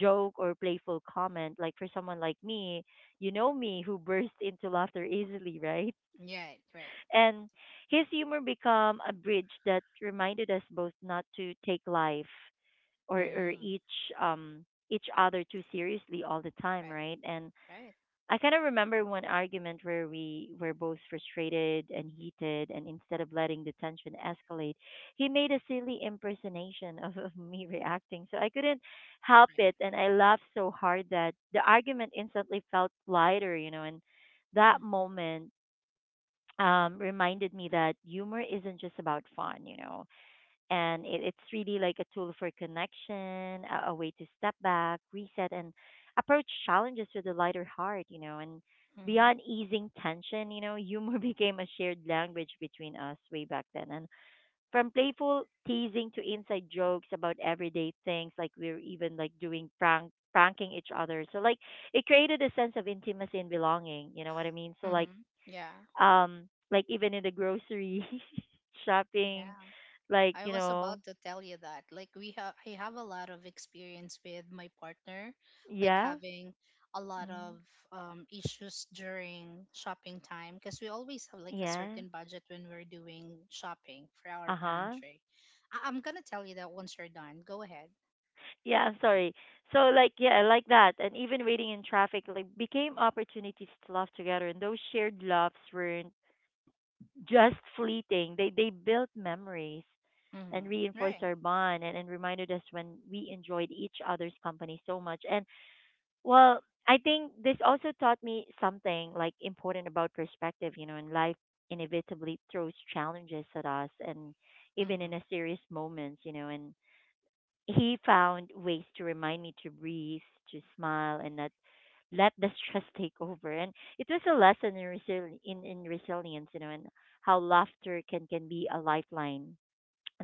joke or playful comment. Like for someone like me, you know me who bursts into laughter easily, right?
Right, right.
And his humor became a bridge that reminded us both not to take life or
Mm,
um each other too seriously all the time,
right,
right? And
right,
I kind of remember one argument where we were both frustrated and heated, and instead of letting the tension escalate, he made a silly impersonation of me reacting. So I couldn't help
right.
it, and I laughed so hard that the argument instantly felt lighter. And that
Mm-hmm,
moment reminded me that humor isn't just about fun, it's really like a tool for connection, a way to step back, reset, and approach challenges with a lighter heart, and
mm-hmm,
beyond easing tension, humor became a shared language between us way back then. And from playful teasing to inside jokes about everyday things, like we were even like doing pranking each other. So like it created a sense of intimacy and belonging, you know what I mean? So
mm-hmm. Yeah.
like even in the grocery shopping,
Yeah,
like
I
you
was
know
about to tell you that. Like we have I have a lot of experience with my partner, like
yeah.
having a lot
Mm,
of issues during shopping time because we always have like a
yeah.
certain budget when we're doing shopping for our
Uh-huh.
pantry. I'm gonna tell you that once you're done. Go ahead.
Yeah, I'm sorry. So like yeah, like that, and even waiting in traffic like became opportunities to laugh together, and those shared laughs weren't just fleeting, they built memories and
Mm-hmm.
reinforced
Right.
our bond, and reminded us when we enjoyed each other's company so much. And well, I think this also taught me something like important about perspective, and life inevitably throws challenges at us, and even
Mm-hmm.
in a serious moments, and he found ways to remind me to breathe, to smile and not let the stress take over. And it was a lesson in, in resilience, and how laughter can be a lifeline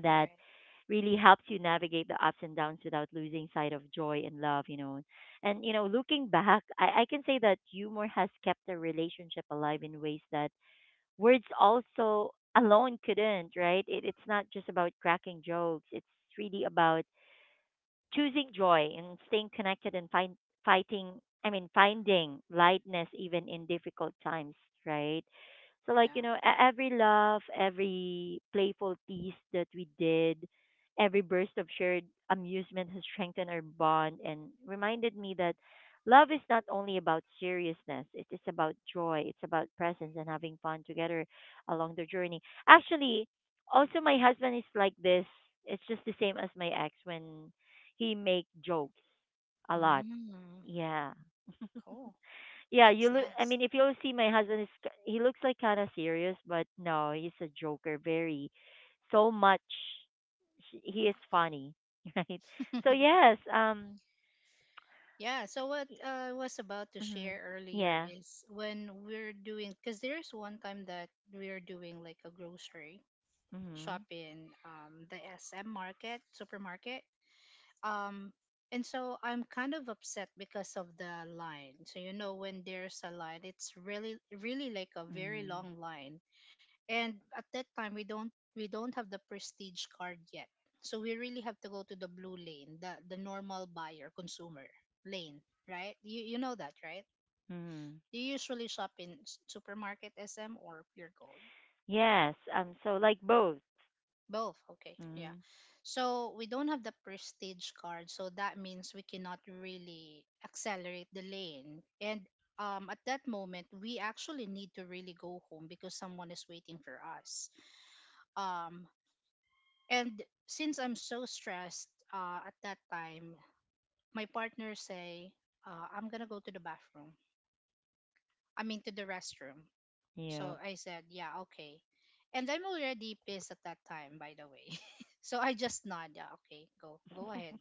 that
Right.
really helps you navigate the ups and downs without losing sight of joy and love. And, looking back, I can say that humor has kept the relationship alive in ways that words also alone couldn't, right? It's not just about cracking jokes, it's really about choosing joy and staying connected and fighting, I mean, finding lightness even in difficult times, right? So like you
Yeah.
know every laugh, every playful piece that we did, every burst of shared amusement has strengthened our bond and reminded me that love is not only about seriousness, it is about joy, it's about presence and having fun together along the journey. Actually also my husband is like this, it's just the same as my ex when he make jokes a lot.
Mm-hmm.
Yeah.
Cool.
Yeah, you
That's
look. I
nice.
mean, if you see my husband, is he looks like kind of serious, but no, he's a joker. Very, so much. He is funny, right? So yes,
Yeah, so what I was about to
mm,
share earlier
yeah,
is when we're doing, because there's one time that we're doing like a grocery shop
mm-hmm,
in the SM market, supermarket. Um, and so I'm kind of upset because of the line. So, you know, when there's a line, it's really, really like a very
mm-hmm,
long line, and at that time we don't have the prestige card yet, so we really have to go to the blue lane, the normal buyer consumer lane, right? You know that, right?
mm-hmm.
You usually shop in supermarket SM or Pure Gold?
Yes, so like both.
Both, okay, yeah.
Mm-hmm.
So we don't have the prestige card, so that means we cannot really accelerate the lane. And at that moment we actually need to really go home because someone is waiting for us. um, And since I'm so stressed at that time, my partner say, "I'm gonna go to the bathroom. I mean to the restroom."
Yeah,
So I said, "Yeah, okay." And I'm already pissed at that time, by the way. So I just nod, "Yeah, okay, go, go ahead."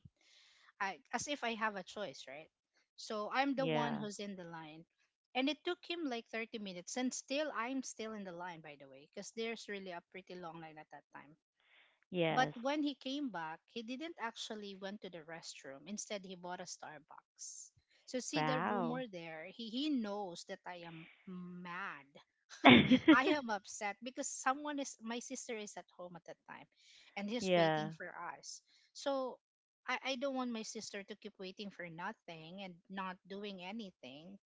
as if I have a choice, right? So I'm the one
yeah,
who's in the line. And it took him like 30 minutes, and still I'm still in the line, by the way, because there's really a pretty long line at that time. But
yes.
when he came back, he didn't actually went to the restroom. Instead, he bought a Starbucks. So see the
Wow.
rumor there. He knows that I am mad. I am upset because someone is my sister is at home at that time and he's waiting
Yeah,
for us. So I don't want my sister to keep waiting for nothing and not doing anything.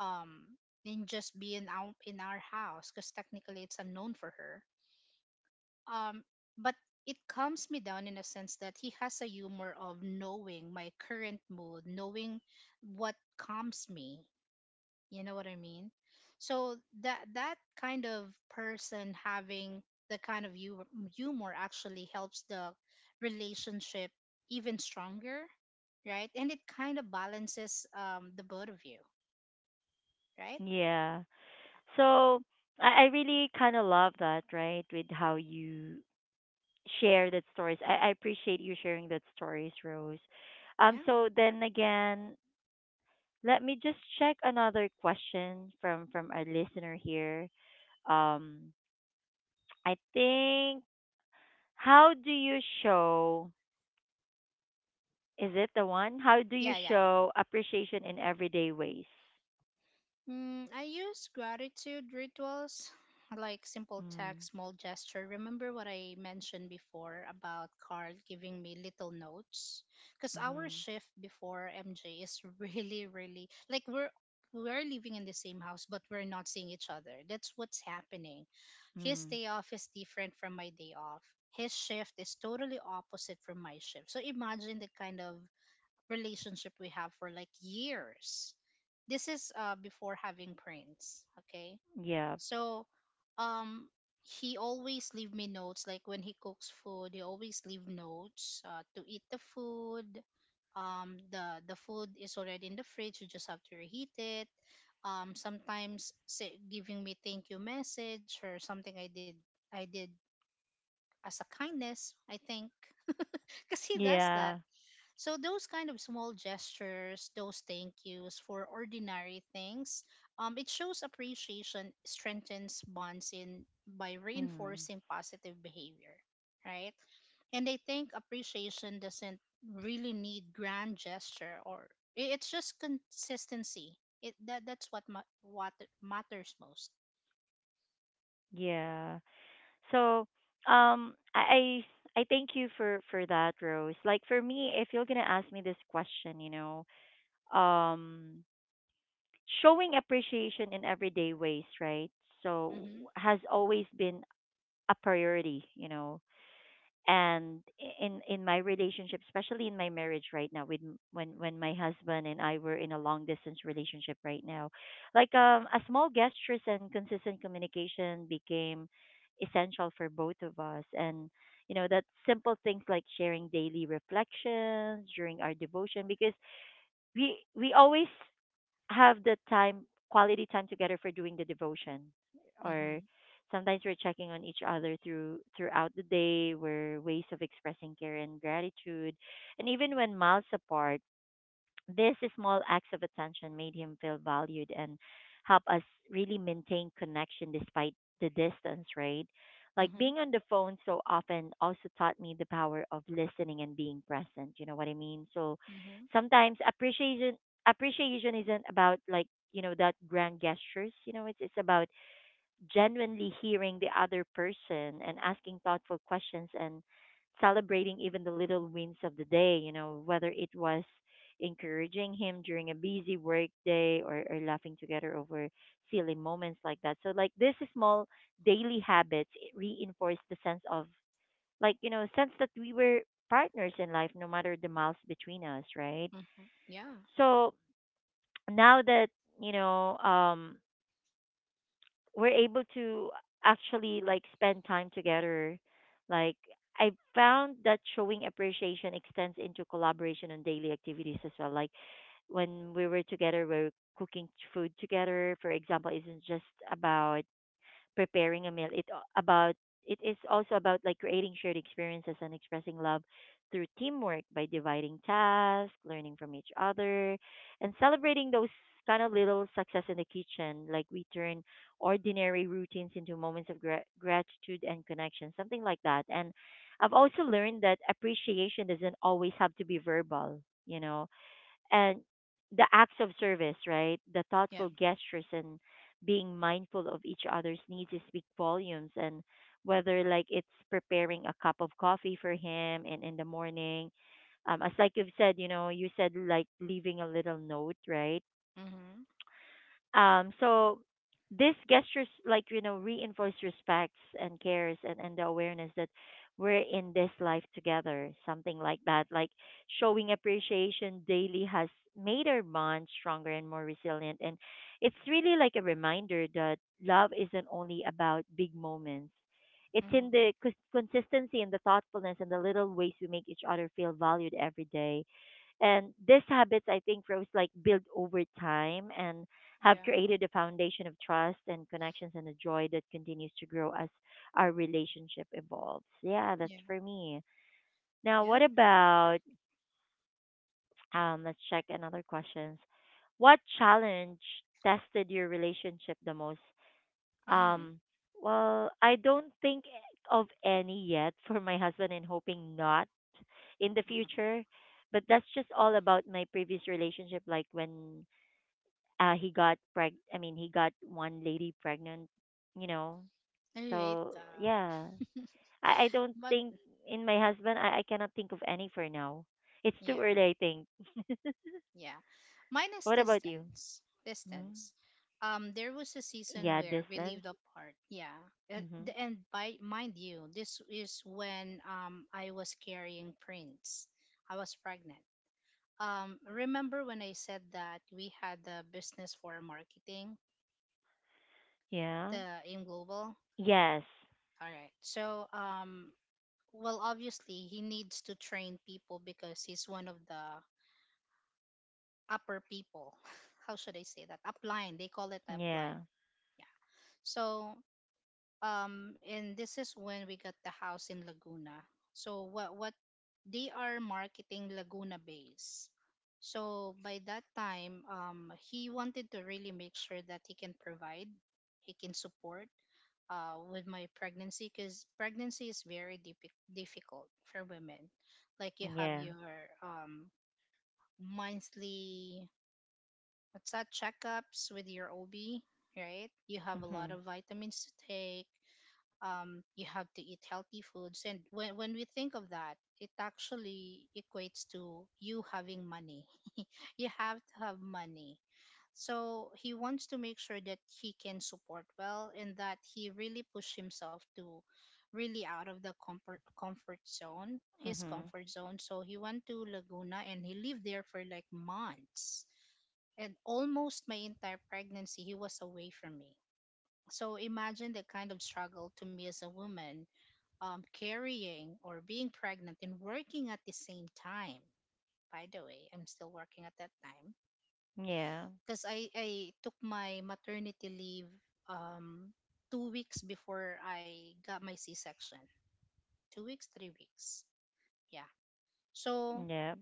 Um and just being out in our house because technically it's unknown for her, um but it calms me down in a sense that he has a humor of knowing my current mood, knowing what calms me, you know what I mean? So that kind of person having the kind of humor actually helps the relationship even stronger, right? And it kind of balances the both of you, right?
yeah. So I really kind of love that, right? With how you share that stories. I appreciate you sharing that stories, Rose.
Yeah, yeah,
So then again, let me just check another question from our listener here. Um, I think how do you show? Is it the one? How do you
yeah, yeah.
show appreciation in everyday ways?
Mm, I use gratitude rituals like simple
Mm,
text, small gesture. Remember what I mentioned before about Carl giving me little notes? Because
mm-hmm,
our shift before MJ is really, really like we're living in the same house but we're not seeing each other. That's what's happening. His
mm,
day off is different from my day off. His shift is totally opposite from my shift. So imagine the kind of relationship we have for like years. This is before having Prince. Okay,
yeah,
so um, he always leave me notes. Like when he cooks food, he always leave notes to eat the food. The food is already in the fridge. You just have to reheat it. Sometimes say, giving me thank you message or something I did as a kindness. I think because he does that,
yeah,
so those kind of small gestures, those thank yous for ordinary things, it shows appreciation, strengthens bonds in by
mm,
reinforcing positive behavior, right? And I think appreciation doesn't really need grand gesture, or it's just consistency. It that that's what ma- what matters most.
yeah. So, um, I I thank you for that, Rose. Like for me, if you're gonna ask me this question, um, showing appreciation in everyday ways, right? So
Mhm.
has always been a priority, and in my relationship, especially in my marriage right now with when my husband and I were in a long distance relationship right now, like a small gestures and consistent communication became essential for both of us, and you know that simple things like sharing daily reflections during our devotion, because we always have the time quality time together for doing the devotion, or
Mhm.
sometimes we're checking on each other throughout the day, were ways of expressing care and gratitude, and even when miles apart, these small acts of attention made him feel valued and help us really maintain connection despite the distance, right? Like being
Mhm.
on the phone so often also taught me the power of listening and being present. You know what I mean? So
Mhm.
sometimes appreciation isn't about like, that grand gestures, it's about genuinely hearing the other person and asking thoughtful questions and celebrating even the little wins of the day, whether it was encouraging him during a busy work day, or laughing together over silly moments like that. So like this small daily habits it reinforced the sense of like, sense that we were partners in life no matter the miles between us, right?
Mhm. Yeah.
So now that, you know, um we're able to actually like spend time together. Like I found that showing appreciation extends into collaboration on daily activities as well. Like when we were together, we are cooking food together. For example, isn't just about preparing a meal. It about it is also about like creating shared experiences and expressing love through teamwork by dividing tasks, learning from each other, and celebrating those kind of little success in the kitchen. Like we turn ordinary routines into moments of gratitude and connection, something like that. And I've also learned that appreciation doesn't always have to be verbal. You know, and the acts of service, right? The
Yeah.
thoughtful gestures and being mindful of each other's needs speak volumes. And whether like it's preparing a cup of coffee for him and in the morning, as like you've said, you said like leaving a little note, right?
Mhm.
So these gestures, reinforce respects and cares, and the awareness that we're in this life together, something like that. Like showing appreciation daily has made our bond stronger and more resilient. And it's really like a reminder that love isn't only about big moments. It's in
Mhm.
the consistency and the thoughtfulness and the little ways we make each other feel valued every day, and these habits I think, Rose, like build over time and have
Yeah.
created a foundation of trust and connections and a joy that continues to grow as our relationship evolves. Yeah, that's
Yeah.
for me. Now, what
Yeah.
about let's check another questions. What challenge tested your relationship the most?
Mm.
Um well, I don't think of any yet for my husband and hoping not in the
Mhm.
future. But that's just all about my previous relationship, like when he got preg I mean he got one lady pregnant, you know.
I hate
So
that.
yeah. I don't
But
think in my husband, I cannot think of any for now. It's too
yeah,
early I think.
yeah. Mine is
What about you?
distance.
Hmm.
Distance. There was a season
Yeah,
where we
distance.
lived apart. Yeah,
Mhm.
and by mind you, this is when I was carrying Prince. I was pregnant. Remember when I said that we had the business for marketing,
Yeah.
the AIM Global?
Yes.
All right. So well, obviously he needs to train people because he's one of the upper people. How should I say that? Upline. They call it upline.
Yeah.
Yeah. So and this is when we got the house in Laguna. So what they are marketing Laguna base. So by that time, he wanted to really make sure that he can support with my pregnancy because pregnancy is very difficult for women. Like you have
Yeah.
your um, monthly what's that checkups with your OB, right? You have a lot
Mhm.
of vitamins to take. You have to eat healthy foods, and when we think of that, it actually equates to you having money. You have to have money. So he wants to make sure that he can support well and that he really push himself to really out of the comfort zone, his
Mhm.
comfort zone. So he went to Laguna and he lived there for like months, and almost my entire pregnancy he was away from me. So imagine the kind of struggle to me as a woman, carrying or being pregnant and working at the same time. By the way, I'm still working at that time
Yeah.
because I took my maternity leave, um, 2 weeks before I got my c-section. 2 weeks, 3 weeks, yeah. So
Yeah.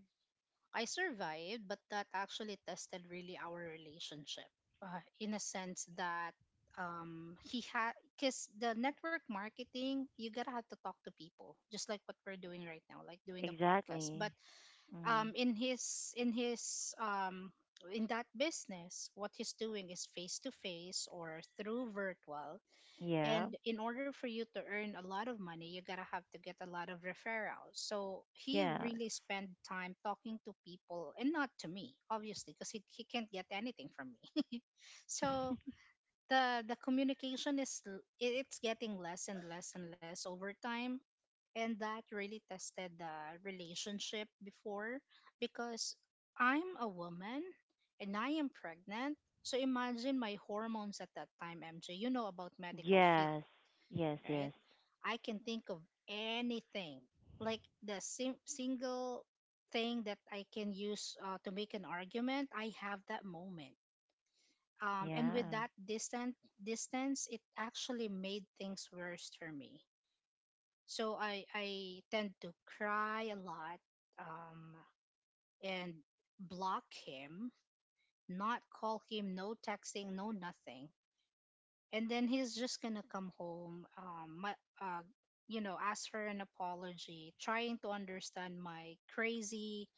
I survived, but that actually tested really our relationship in a sense that because the network marketing, you gotta have to talk to people, just like what we're doing right now, like doing the podcast.
Exactly.
But
Mhm.
um, in his, in his, um, in that business, what he's doing is face to face or through virtual,
Yeah.
and in order for you to earn a lot of money, you gotta have to get a lot of referrals. So he
Yes.
really spent time talking to people and not to me, obviously, because he can't get anything from me. So the communication is it's getting less and less and less over time, and that really tested the relationship before, because I'm a woman and I am pregnant. So imagine my hormones at that time, MJ. You know about medical field,
Yes. Yes.
right?
Yes.
I can think of anything, like the single thing that I can use to make an argument. I have that moment, and with
Yeah.
that distant distance, it actually made things worse for me. So I tend to cry a lot, um, and block him, not call him, no texting, no nothing. And then he's just gonna come home, my, uh you know, ask for an apology, trying to understand my crazy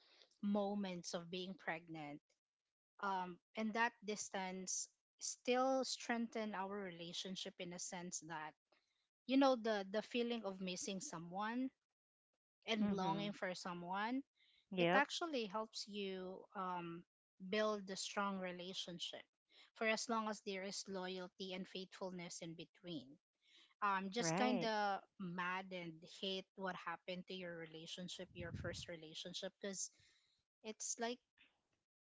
moments of being pregnant. And that distance still strengthened our relationship in a sense that, you know, the feeling of missing someone and longing
Mhm.
for someone, it
Yep.
actually helps you build a strong relationship, for as long as there is loyalty and faithfulness in between. Just kind
Right.
of mad and hate what happened to your relationship, your first relationship, because it's like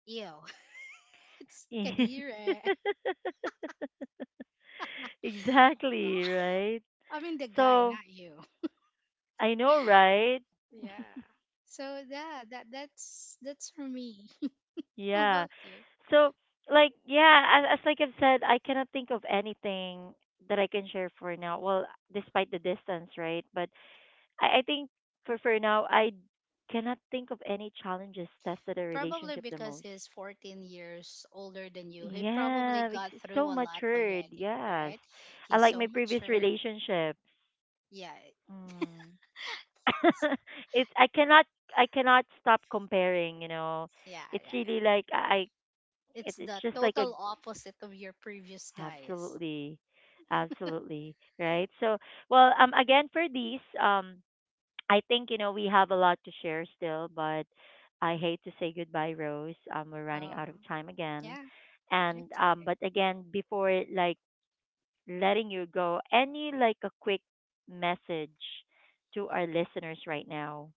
ew it's kadire.
Exactly, right?
I mean the guy,
So,
not you.
I know, right?
Yeah, so yeah, that's for me. How
Yeah.
about you?
So, like, yeah, as like I've said, I cannot think of anything that I can share for now. Well, despite the distance, right? But I think for now, I cannot think of any challenges tested a
Probably
relationship the
because
most.
he's 14 years older than you, he probably
Yeah,
got
it's
through
so
a lot
matured.
already,
Yes.
right?
I
He's
like
so
my previous
mature.
relationships.
Yeah,
Mm. It's I cannot. I cannot stop comparing, you know.
yeah,
It's
yeah, yeah.
really like I it,
It's
it's
the
just like a
total opposite of your previous guys.
absolutely. Absolutely, right? So, well, again for these I think you know we have a lot to share still, but I hate to say goodbye, Rose. We're running
Oh,
out of time again.
yeah,
And
it's okay.
but again before like letting you go. Any like a quick message to our listeners right now?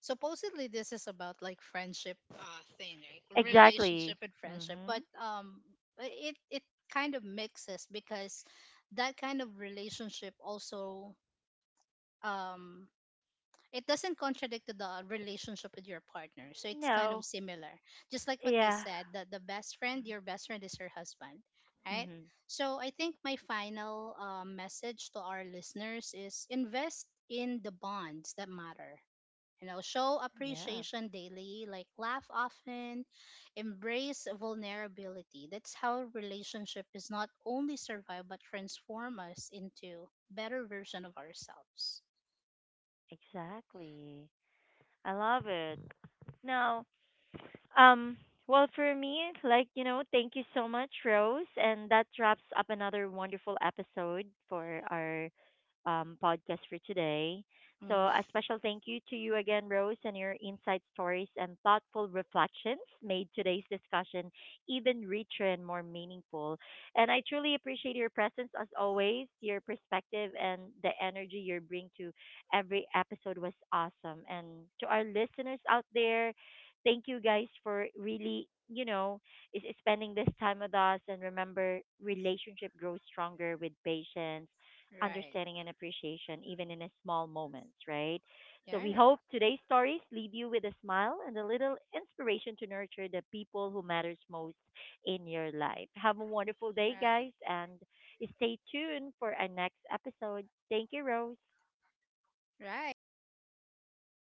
Supposedly, this is about like friendship thing, right? Relationship
Exactly.
and friendship, but
Mhm.
it kind of mixes because that kind of relationship also, um it doesn't contradict to the relationship with your partner, so it's kind
No.
of similar, just like what you
Yeah.
said, that the best friend your best friend is your husband, right?
Mhm.
So I think my final message to our listeners is invest in the bonds that matter. You know, show
Yeah.
appreciation daily, like laugh often, embrace vulnerability. That's how relationship is not only survive but transform us into better version of ourselves.
Exactly. I love it. No. Um, well, for me, like, you know, thank you so much, Rose. And that wraps up another wonderful episode for our podcast for today. So,
Hmm.
a special thank you to you again, Rose, and your insight stories and thoughtful reflections made today's discussion even richer and more meaningful. And I truly appreciate your presence as always, your perspective, and the energy you bring to every episode was awesome. And to our listeners out there, thank you guys for really, you know, is spending this time with us. And remember, relationship grows stronger with patience,
Right.
understanding, and appreciation, even in a small moments, right? So we
Right.
hope today's stories leave you with a smile and a little inspiration to nurture the people who matters most in your life. Have a wonderful day,
Right.
guys, and stay tuned for our next episode. Thank you, Rose.
Right. Thank you.